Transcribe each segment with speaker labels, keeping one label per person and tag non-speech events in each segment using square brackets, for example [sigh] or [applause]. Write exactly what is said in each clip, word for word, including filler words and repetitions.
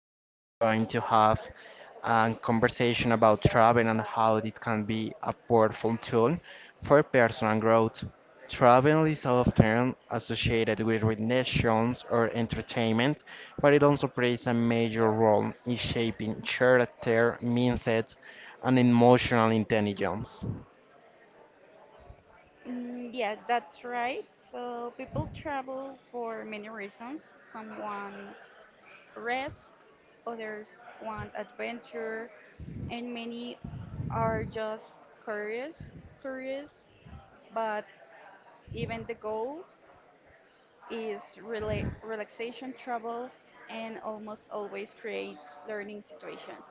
Speaker 1: we are going to have a conversation about travel and how it can be a powerful tool for personal growth. Travel is often associated with relations or entertainment, but it also plays a major role in shaping character, mindset, and emotional intelligence.
Speaker 2: Mm, yeah, that's right. So people travel for many reasons. Someone rest, others want adventure, and many are just curious, curious. But even the goal is rela relaxation, travel, and almost always creates learning situations.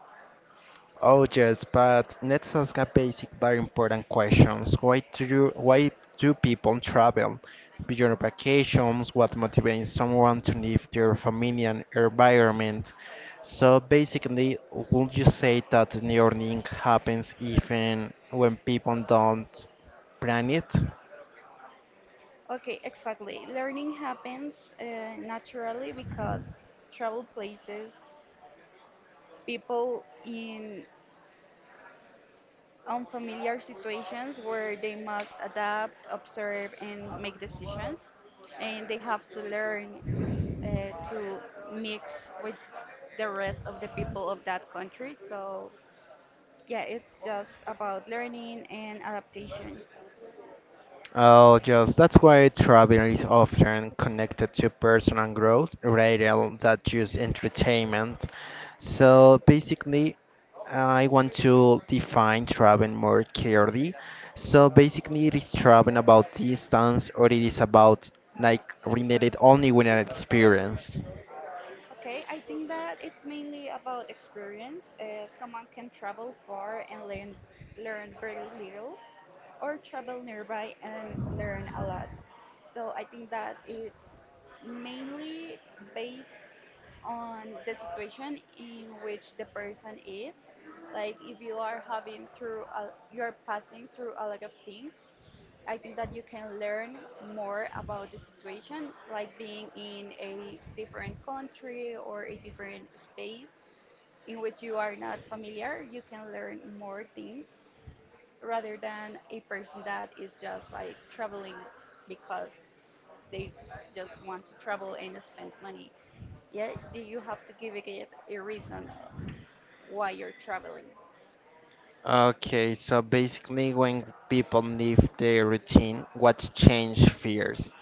Speaker 1: Oh yes, but let's ask a basic but important questions. Why do you, why do people travel? Beyond vacations, what motivates someone to leave their familiar environment? So basically, would you say that learning happens even when people don't plan it?
Speaker 2: Okay, exactly. Learning happens uh, naturally because travel places people in unfamiliar situations where they must adapt, observe, and make decisions. And they have to learn uh, to mix with the rest of the people of that country. So, yeah, it's just about learning and adaptation.
Speaker 1: Oh, just that's why travel is often connected to personal growth rather than just entertainment. So basically, I want to define travel more clearly. So basically, it is travel about distance, or it is about like related only with an experience.
Speaker 2: Okay, I think that it's mainly about experience. Uh, someone can travel far and learn learn very little, or travel nearby and learn a lot. So I think that it's mainly based on the situation in which the person is. Like if you are having through a, you are passing through a lot of things, I think that you can learn more about the situation, like being in a different country or a different space in which you are not familiar. You can learn more things rather than a person that is just like traveling because they just want to travel and spend money. Yeah, you have to give it a reason why you're traveling.
Speaker 1: Okay, so basically, when people leave their routine, what change first?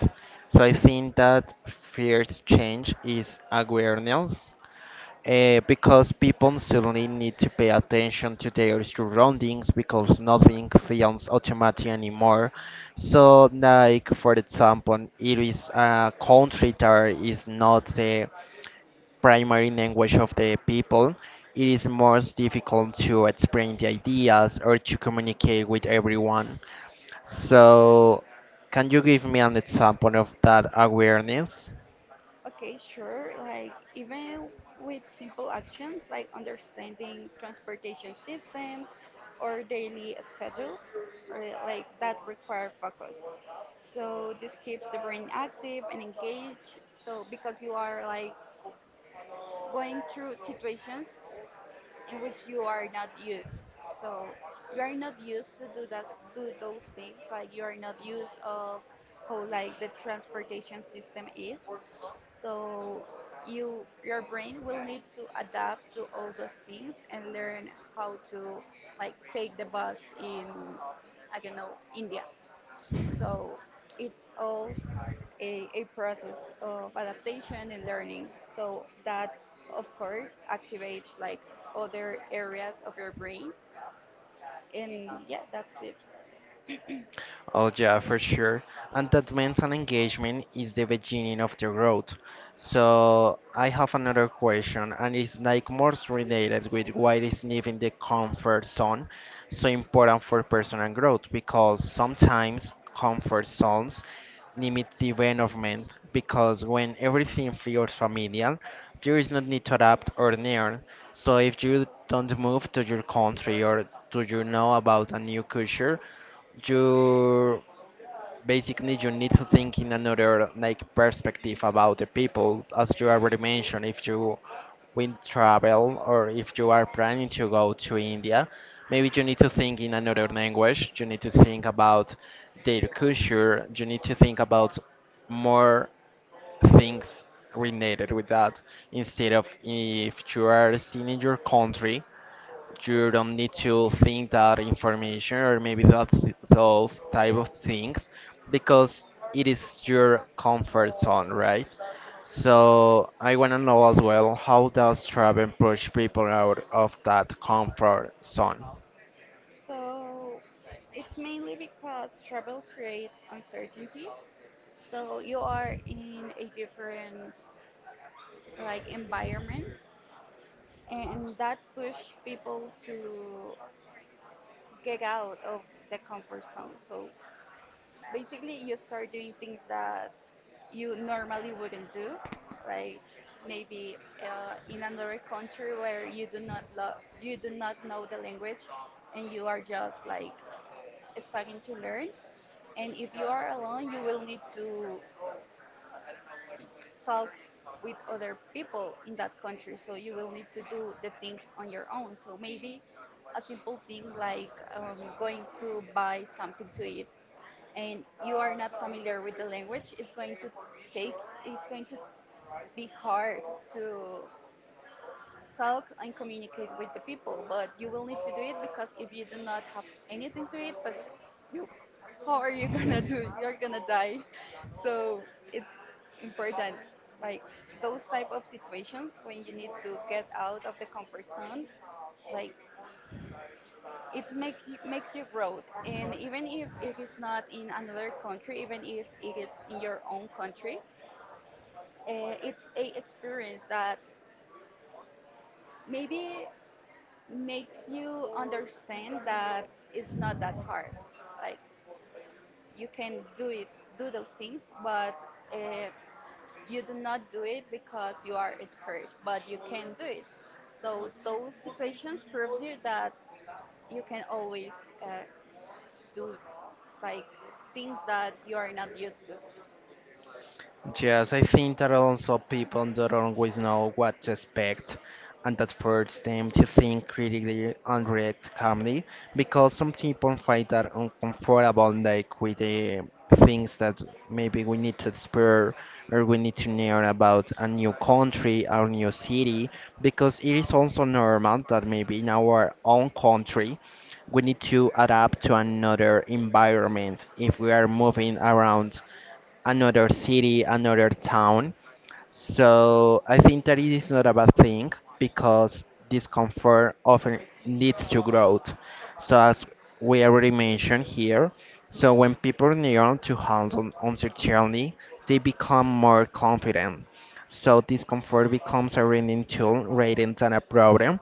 Speaker 1: So I think that first change is awareness, uh, because people suddenly need to pay attention to their surroundings because nothing feels automatic anymore. So, like for example, it is a country that is not the primary language of the people, it is most difficult to explain the ideas or to communicate with everyone. So, can you give me an example of that awareness?
Speaker 2: Okay, sure. Like even with simple actions like understanding transportation systems or daily schedules, or like that require focus. So this keeps the brain active and engaged. So because you are like going through situations in which you are not used. So you are not used to do that, do those things. Like you are not used of how like the transportation system is. So you, your brain will need to adapt to all those things and learn how to like take the bus in, I don't know, India. So it's all a, a process of adaptation and learning. So that, of course, activates like other areas of your brain. And yeah, that's it.
Speaker 1: Oh yeah, for sure. And that mental engagement is the beginning of the growth. So I have another question, and it's like more related with why is leaving the comfort zone so important for personal growth? Because sometimes comfort zones limit development because when everything feels familiar, there is no need to adapt or learn. So if you don't move to your country or do you know about a new culture, 就。Basically you need to think in another like perspective about the people as you already mentioned if you will travel or if you are planning to go to india maybe you need to think in another language you need to think about their culture you need to think about more things related with that instead of if you are still in your country you don't need to think that information or maybe that those type of things because it is your comfort zone, right? So I want to know as well how does travel push people out of that comfort zone?
Speaker 2: So it's mainly because travel creates uncertainty. So you are in a different like environment and that push people to get out of the comfort zone. So basically, you start doing things that you normally wouldn't do, like maybe uh, in another country where you do not love, you do not know the language, and you are just like starting to learn. And if you are alone, you will need to talk with other people in that country, so you will need to do the things on your own. So maybe a simple thing like um, going to buy something to eat and you are not familiar with the language is going to take it's going to be hard to talk and communicate with the people. But you will need to do it because if you do not have anything to eat, but you, how are you [laughs] gonna do it? You're gonna die. [laughs] So it's important, like those type of situations when you need to get out of the comfort zone. Like it makes you makes you grow. And even if it is not in another country, even if it is in your own country, uh, it's a experience that maybe makes you understand that it's not that hard. Like you can do it, do those things, but uh, you do not do it because you are scared, but you can do it. So those situations proves you that you can always uh, do like things that you are not used to.
Speaker 1: Yes, I think that also people don't always know what to expect, and that forces them to think critically and react calmly, because some people find that uncomfortable, like with the things that maybe we need to explore or we need to learn about a new country or new city, because it is also normal that maybe in our own country we need to adapt to another environment if we are moving around another city, another town. So I think that it is not a bad thing because discomfort often leads to growth. So as we already mentioned here, so when people learn to handle uncertainty, they become more confident. So discomfort becomes a learning tool rather than a problem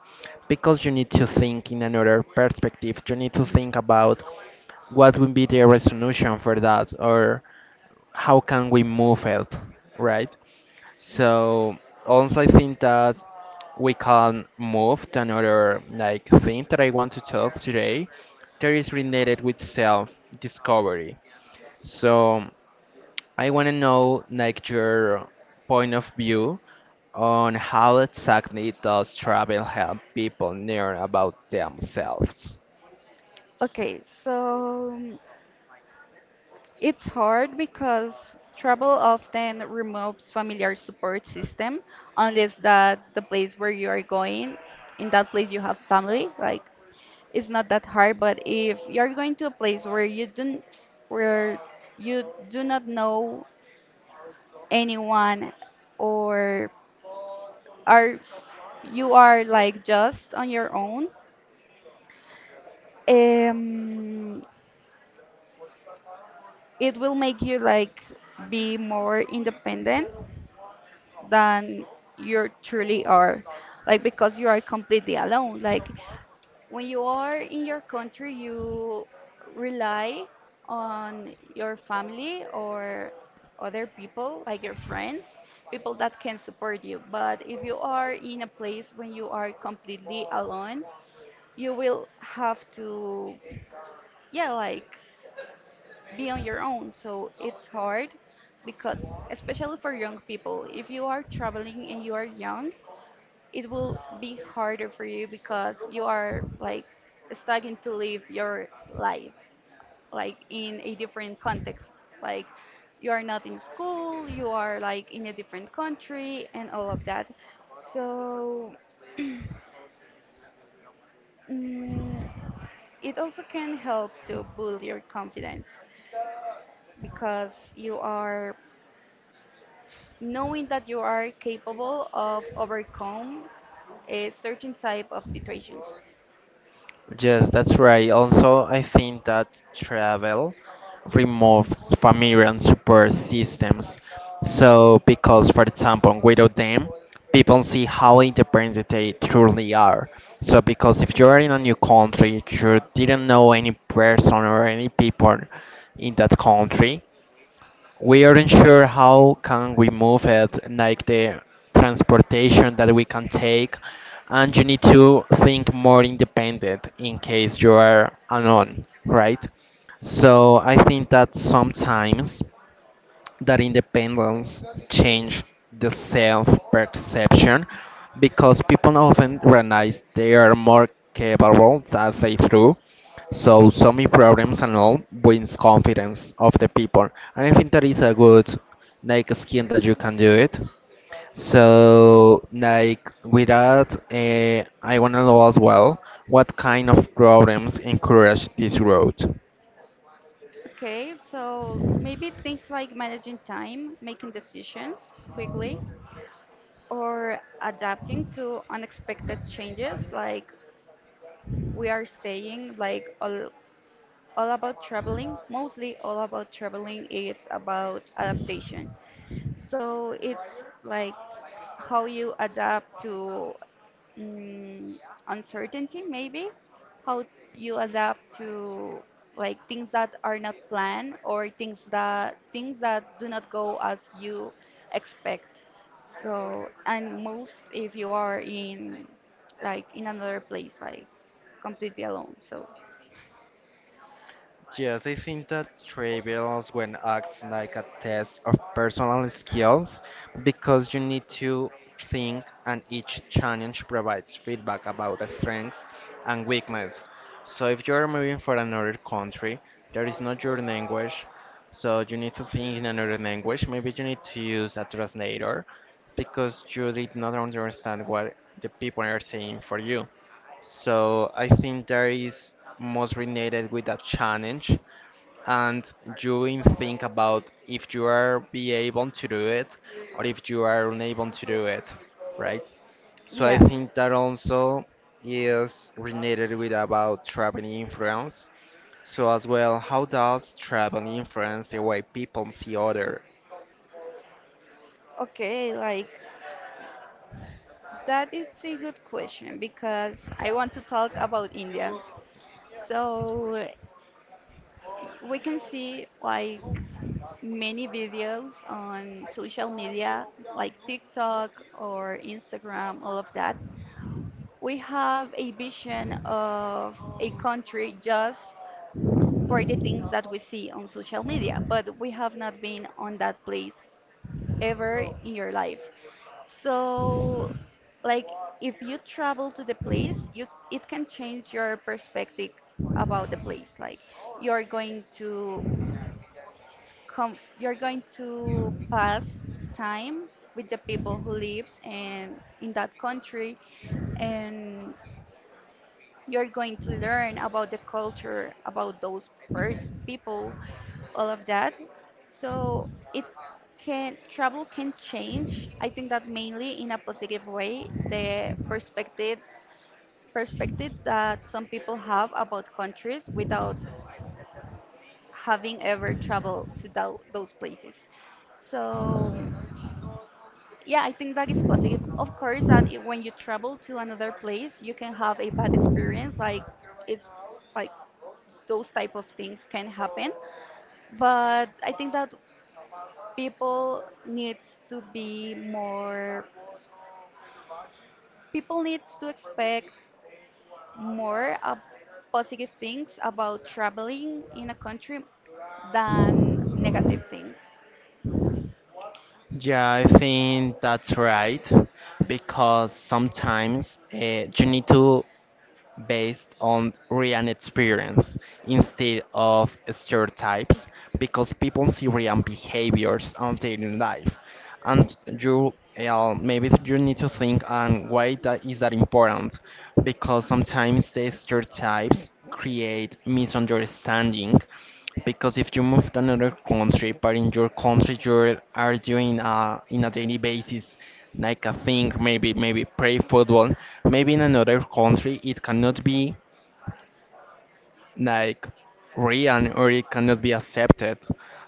Speaker 1: because you need to think in another perspective. You need to think about what would be the resolution for that or how can we move it, right? So also I think that we can move to another like thing that I want to talk today that is related with self-discovery. So I want to know like your point of view on how exactly does travel help people learn about themselves?
Speaker 2: Okay, so it's hard because travel often removes familiar support system, unless that the place where you are going, in that place you have family, like it's not that hard. But if you're going to a place where you don't where you do not know anyone, or are you are like just on your own, um, it will make you like be more independent than you truly are. Like because you are completely alone. Like when you are in your country you rely on your family or other people like your friends, people that can support you. But if you are in a place when you are completely alone, you will have to, yeah, like be on your own. So it's hard because, especially for young people, if you are traveling and you are young, it will be harder for you because you are like starting to live your life like in a different context. Like you are not in school, you are like in a different country and all of that. So mm, it also can help to build your confidence because you are knowing that you are capable of overcome a certain type of situations.
Speaker 1: Yes, that's right. Also, I think that travel removes familiar and support systems. So, because, for example, without them, people see how independent they truly are. So, because if you're in a new country, you didn't know any person or any people in that country, we aren't sure how can we move it, like the transportation that we can take, and you need to think more independent in case you are alone, right? So I think that sometimes that independence change the self-perception because people often realize they are more capable than they do. So some problems and all wins confidence of the people, and I think that is a good like skin that you can do it. So like with that, uh, I wanna know as well what kind of problems encourage this road.
Speaker 2: Okay, so maybe things like managing time, making decisions quickly, or adapting to unexpected changes. Like we are saying, like all, all about traveling, mostly all about traveling, it's about adaptation. So it's like how you adapt to mm, uncertainty. Maybe how you adapt to like things that are not planned, or things that things that do not go as you expect. So and most if you are in like in another place like completely alone. So
Speaker 1: Yes, I think that trivials when acts like a test of personal skills because you need to think and each challenge provides feedback about the strengths and weakness. So if you're moving for another country, there is not your language, so you need to think in another language. Maybe you need to use a translator because you did not understand what the people are saying for you. So I think there is most related with a challenge and you in think about if you are be able to do it or if you are unable to do it, right? So I
Speaker 2: yeah.
Speaker 1: think that also is related with about traveling influence. So as well, how does traveling influence the way people see other?
Speaker 2: Okay, like that is a good question because I want to talk about India. So we can see like many videos on social media, like TikTok or Instagram, all of that. We have a vision of a country just for the things that we see on social media, but we have not been on that place ever in your life. So, like, if you travel to the place, you it can change your perspective about the place. Like, you're going to come, you're going to pass time with the people who lives and in that country, and you're going to learn about the culture, about those pers- people, all of that. So it can travel can change. I think that mainly in a positive way the perspective perspective that some people have about countries without having ever traveled to tho- those places. So, yeah, I think that is positive. Of course, that i- when you travel to another place, you can have a bad experience, like it's like those type of things can happen. But I think that people needs to be more people needs to expect more of positive things about traveling in a country than negative things.
Speaker 1: Yeah, I think that's right because sometimes uh, you need to based on real experience instead of stereotypes because people see real behaviors on daily life and you uh, maybe you need to think on why that is that important because sometimes the stereotypes create misunderstanding because if you move to another country, but in your country you are doing uh, in a daily basis, like a thing, maybe maybe play football. Maybe in another country it cannot be like real or it cannot be accepted.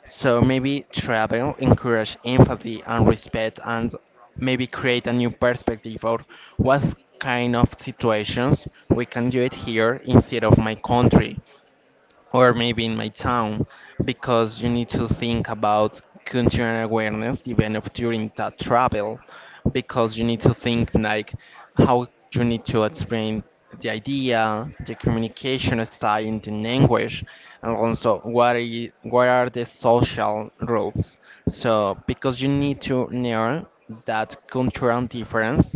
Speaker 1: So maybe travel encourage empathy and respect and maybe create a new perspective or what kind of situations we can do it here instead of my country or maybe in my town because you need to think about cultural awareness even if during that travel because you need to think like how you need to explain the idea the communication style in the language and also what are, what are the social roles so because you need to learn that cultural difference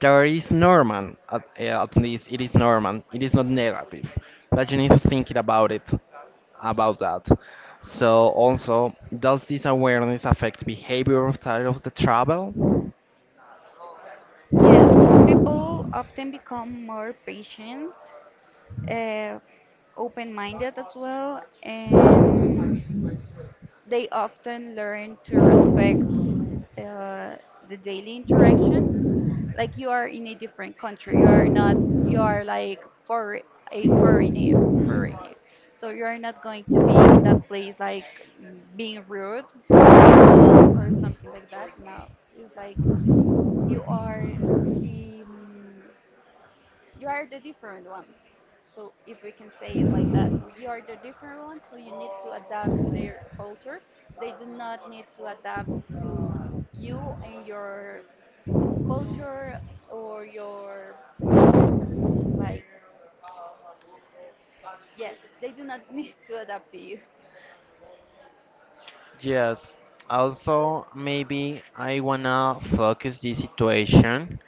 Speaker 1: there is normal. At, uh, at least it is normal. It is not negative, but you need to think it about it, about that. So also, does this awareness affect behavior of, the of the travel?
Speaker 2: Yes, people often become more patient, uh, open minded as well, and they often learn to respect uh, the daily interactions. Like you are in a different country, you are not you are like for a foreigner foreigner, so you are not going to be in that place like mm, being rude with people or something like that. No, it's like you are the mm, you are the different one. So if we can say it like that, you are the different one, so you need to adapt to their culture. They do not need to adapt to you and your culture, or your like, yeah, they do not [laughs] need to adapt to you.
Speaker 1: Yes. Also, maybe I wanna focus this situation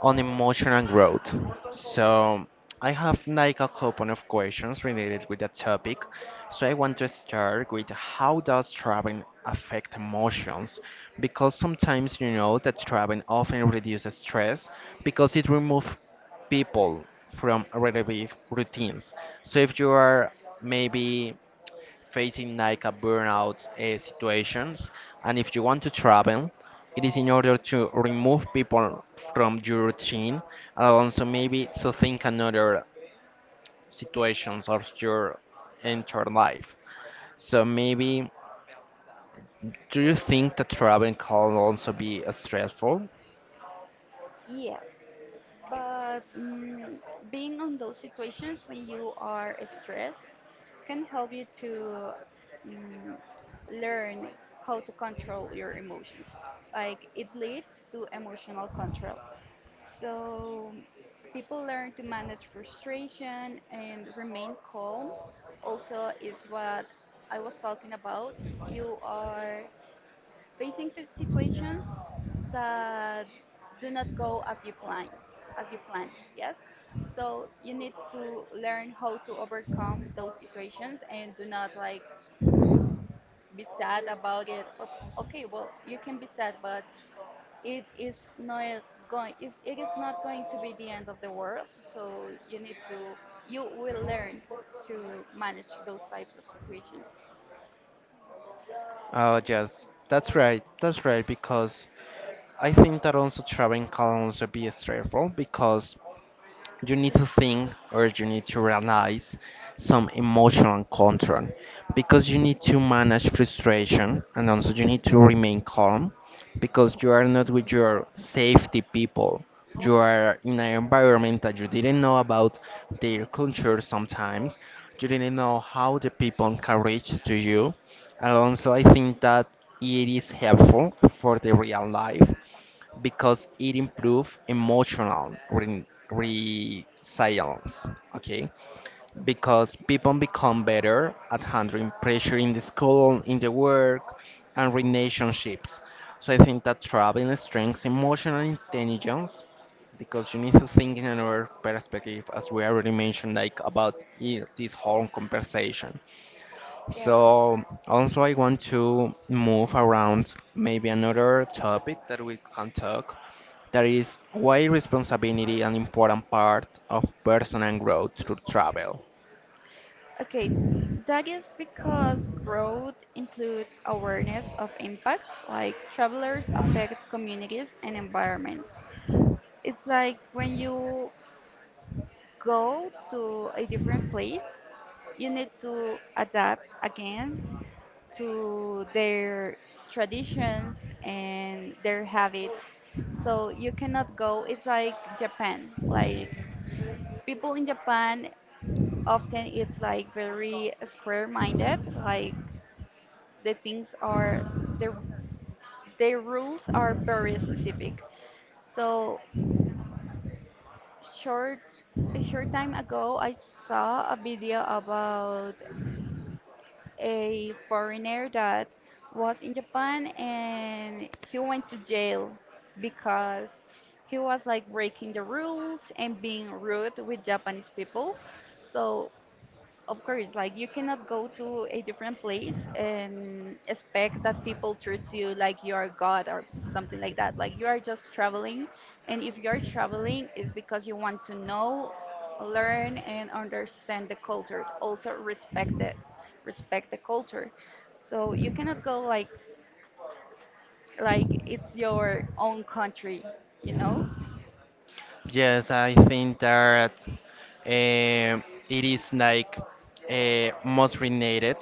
Speaker 1: on emotional growth. So, I have like a couple of questions related with that topic. So, I want to start with how does traveling affect emotions? Because sometimes you know that traveling often reduces stress because it removes people from repetitive routines. So, if you are maybe facing like a burnout uh, situations and if you want to travel it is in order to remove people from your routine and also maybe to think another situations of your entire life so maybe do you think that traveling can also be uh, stressful?
Speaker 2: Yes, but mm, being on those situations when you are stressed can help you to mm, learn how to control your emotions. Like it leads to emotional control. So people learn to manage frustration and remain calm. Also, is what I was talking about. You are facing to situations that do not go as you plan as you plan, yes. So you need to learn how to overcome those situations and do not like be sad about it. O- okay, well, you can be sad, but it is not going it, it is not going to be the end of the world. So you need to, you will learn to manage those types of situations.
Speaker 1: Oh, yes, that's right. That's right. Because I think that also traveling can also be stressful because you need to think or you need to realize some emotional control because you need to manage frustration and also you need to remain calm because you are not with your safety people you are in an environment that you didn't know about their culture sometimes you didn't know how the people can reach to you and also I think that it is helpful for the real life because it improves emotional re- resilience. Okay, because people become better at handling pressure in the school, in the work, and relationships. So I think that traveling strengthens emotional intelligence because you need to think in another perspective, as we already mentioned, like about i- this whole conversation.
Speaker 2: Yes.
Speaker 1: So also I want to move around maybe another topic that we can talk that is why responsibility an important part of personal growth through travel.
Speaker 2: Okay, that is because growth includes awareness of impact, like travelers affect communities and environments. It's like when you go to a different place, you need to adapt again to their traditions and their habits. So you cannot go, it's like Japan. Like people in Japan often, it's like very square minded, like the things are the the rules are very specific. So short a short time ago, I saw a video about a foreigner that was in Japan and he went to jail because he was like breaking the rules and being rude with Japanese people. So of course, like you cannot go to a different place and expect that people treat you like you are God or something like that. Like you are just traveling, and if you are traveling, it's because you want to know, learn, and understand the culture. Also respect it, respect the culture. So you cannot go like like it's your own country, you know?
Speaker 1: Yes, I think that um it is like uh, most related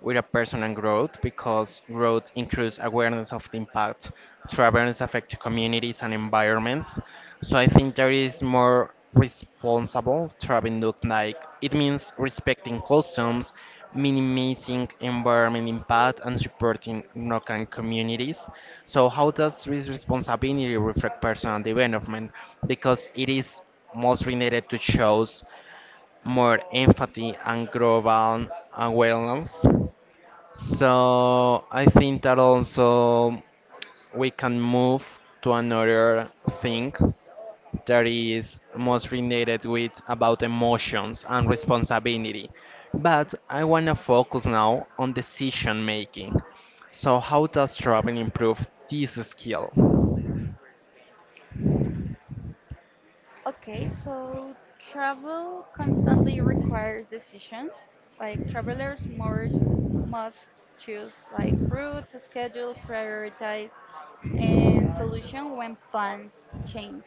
Speaker 1: with a personal growth because growth includes awareness of the impact travelers affect communities and environments. So I think there is more responsible travel look like it means respecting customs, minimizing environment impact, and supporting local communities. So, how does this responsibility reflect personal development? Because it is most related to shows more empathy and global awareness. So, I think that also we can move to another thing that is most related with about emotions and responsibility. But I want to focus now on decision making. So how does travel improve this skill?
Speaker 2: Okay, so travel constantly requires decisions. Like travelers must must choose like routes, schedule, prioritize, and solution when plans change.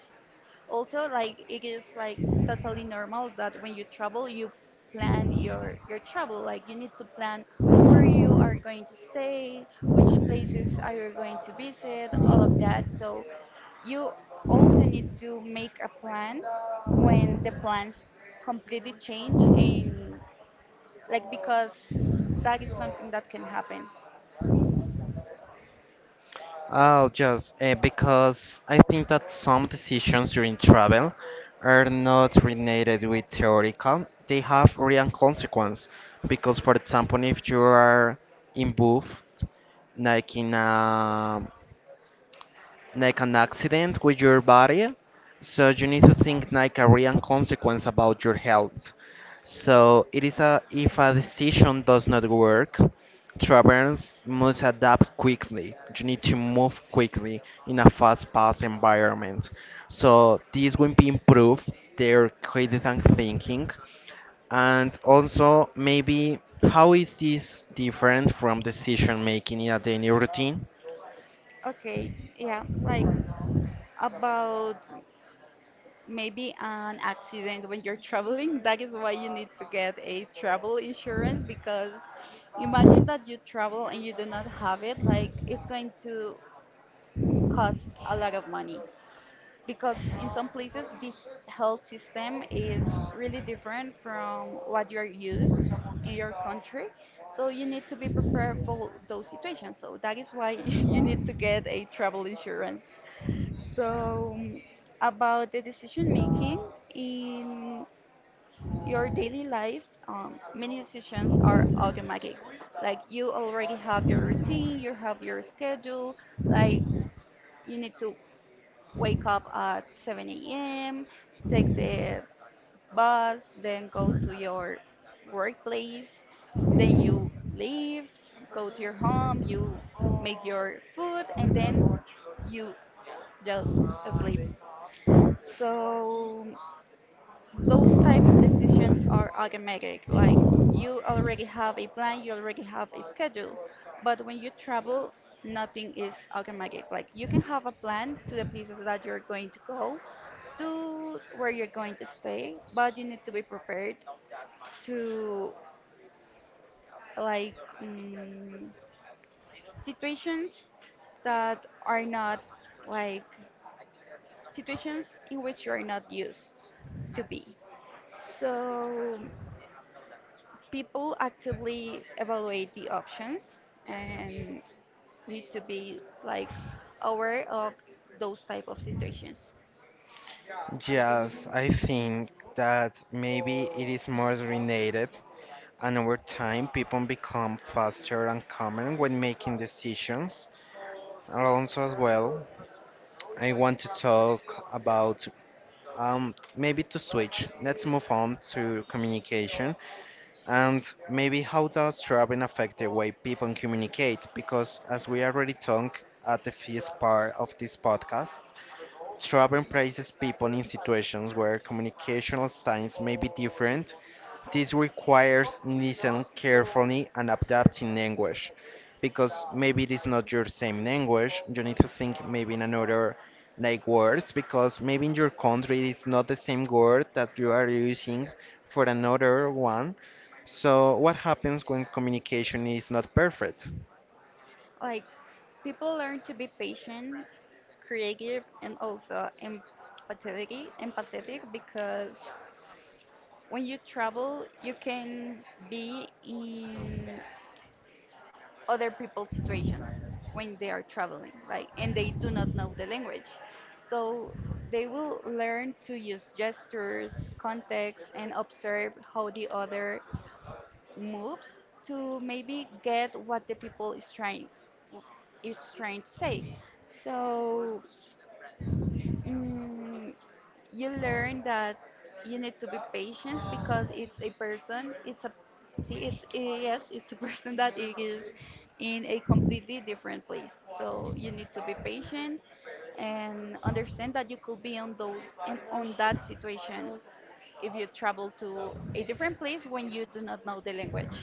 Speaker 2: Also, like it is like totally normal that when you travel, you plan your your travel. Like you need to plan where you are going to stay, which places are you going to visit, all of that. So you also need to make a plan when the plans completely change and like because that is something that can happen.
Speaker 1: Oh, just uh, because I think that some decisions during travel are not related with theoretical. They have real consequence because, for example, if you are involved, like in a like an accident with your body. So you need to think like a real consequence about your health. So it is a if a decision does not work, travelers must adapt quickly. You need to move quickly in a fast-paced environment. So this will be improve their creative and thinking, and also maybe how is this different from decision making in a daily routine?
Speaker 2: Okay, yeah, like about maybe an accident when you're [laughs] traveling, that is why you need to get a travel insurance, because imagine that you travel and you do not have it, like it's going to cost a lot of money because in some places the health system is really different from what you're used in your country. So you need to be prepared for those situations, so that is why [laughs] you need to get a travel insurance. so um, about the decision making in your daily life, um, many decisions are automatic. Like you already have your routine, you have your schedule. Like you need to wake up at seven a m, take the bus, then go to your workplace, then you leave, go to your home, you make your food, and then you just sleep. So those type of decisions are automatic. Like you already have a plan, you already have a schedule, but when you travel nothing is automatic. Like you can have a plan to the places that you're going to go, to where you're going to stay, but you need to be prepared to, like, mm, situations that are not, like, situations in which you are not used to be. So people actively evaluate the options and need to be, like, aware of those type of situations.
Speaker 1: Yes, I think that maybe it is more related, and over time, people become faster and calmer when making decisions. And also, as well, I want to talk about um, maybe to switch. Let's move on to communication and maybe how does traveling affect the way people communicate? Because as we already talked at the first part of this podcast, Strabon praises people in situations where communicational styles may be different. This requires listening carefully and adapting language, because maybe it is not your same language. You need to think maybe in another like words, because maybe in your country it is not the same word that you are using for another one. So what happens when communication is not perfect?
Speaker 2: Like people learn to be patient, creative, and also empathetic empathetic because when you travel you can be in other people's situations when they are traveling, right? And they do not know the language. So they will learn to use gestures, context, and observe how the other moves to maybe get what the people is trying is trying to say. So, mm, you learn that you need to be patient because it's a person, it's a see it's a- yes it's a [laughs] person that it is in a completely different place. So you need to be patient and understand that you could be on those and on that situation if you travel to a different place when you do not know the language.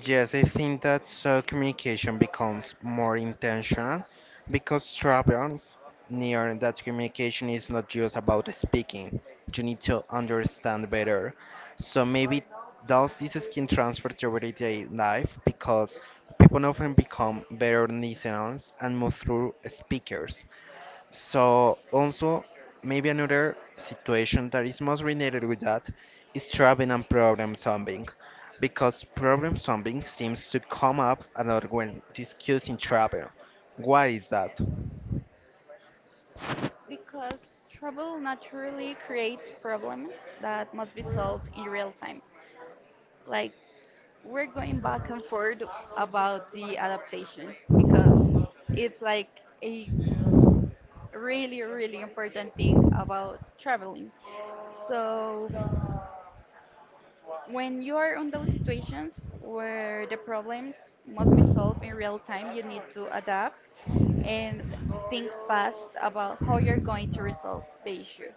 Speaker 1: Yes, I think that so communication becomes more intentional because travels near that communication is not just about speaking. You need to understand better. So maybe does this skin transfer to everyday life because people often become better listeners and move through speakers. So also maybe another situation that is most related with that is traveling and problem solving, because problem solving seems to come up a lot when discussing travel. Why is that?
Speaker 2: Because trouble naturally creates problems that must be solved in real time. Like, we're going back and forth about the adaptation because it's like a really, really important thing about traveling. So, when you are on those situations where the problems must be solved in real time, you need to adapt and think fast about how you're going to resolve the issue.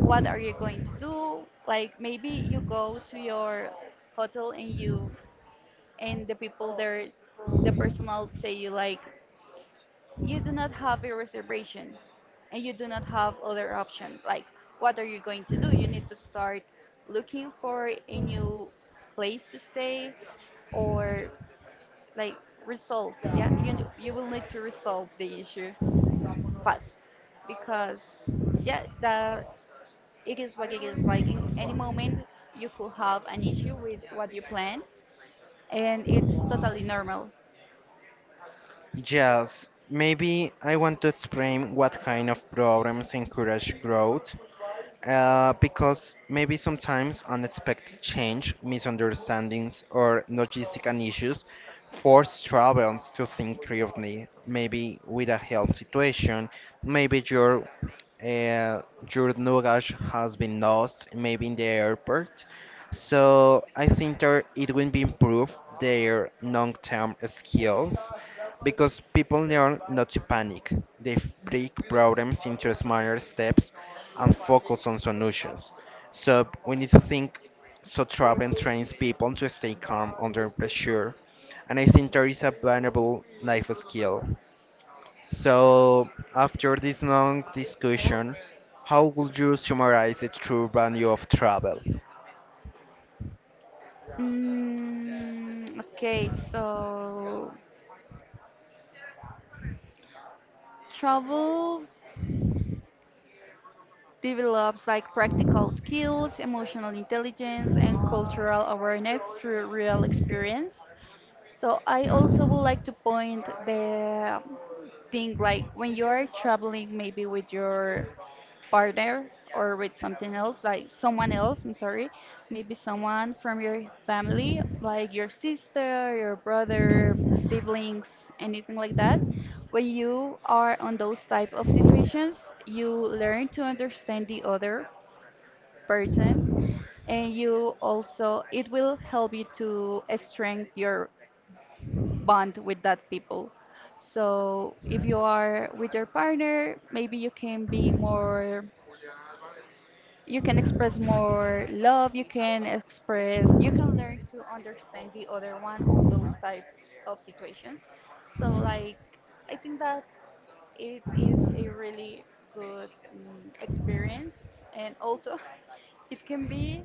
Speaker 2: What are you going to do? Like maybe you go to your hotel and you and the people there, the personnel say you like, you do not have a reservation and you do not have other option. Like, what are you going to do? You need to start looking for a new place to stay, or, like, resolve. Yeah, you, you will need to resolve the issue fast because, yeah, the, it is what it is. Like, in any moment, you could have an issue with what you plan and it's totally normal.
Speaker 1: Yes, maybe I want to explain what kind of problems encourage growth. Uh, because maybe sometimes unexpected change, misunderstandings, or logistical issues force travelers to think creatively, maybe with a help situation, maybe your uh, your luggage has been lost, maybe in the airport. So I think that it will be improve their long-term skills because people learn not to panic. They break problems into smaller steps and focus on solutions. So we need to think so travel trains people to stay calm under pressure. And I think there is a valuable life skill. So after this long discussion, how would you summarize the true value of travel?
Speaker 2: Mm, okay, so travel develops like practical skills, emotional intelligence, and cultural awareness through real experience. So I also would like to point the thing, like when you are traveling maybe with your partner or with something else, like someone else, I'm sorry, maybe someone from your family, like your sister, your brother, siblings, anything like that. When you are on those type of situations, you learn to understand the other person, and you also, it will help you to strengthen your bond with that people. So if you are with your partner, maybe you can be more, you can express more love, you can express, you can learn to understand the other one on those type of situations. So, like, I think that it is a really good um, experience. And also, [laughs] it can be,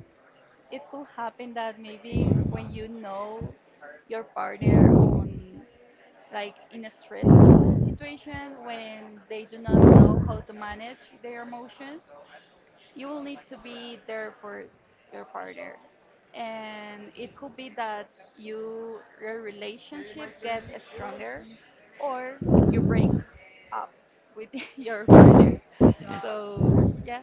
Speaker 2: it could happen that maybe when you know your partner on, like in a stressful situation when they do not know how to manage their emotions, you will need to be there for your partner. And it could be that you, your relationship get stronger, or you break up with [laughs] your partner. So yeah,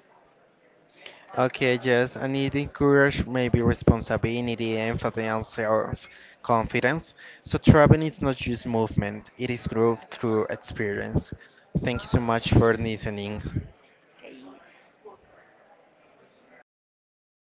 Speaker 2: that's
Speaker 1: Okay, yes, I need encourage maybe responsibility, empathy, and self-confidence. So traveling is not just movement; it is growth through experience. Thank you so much for listening.
Speaker 2: okay.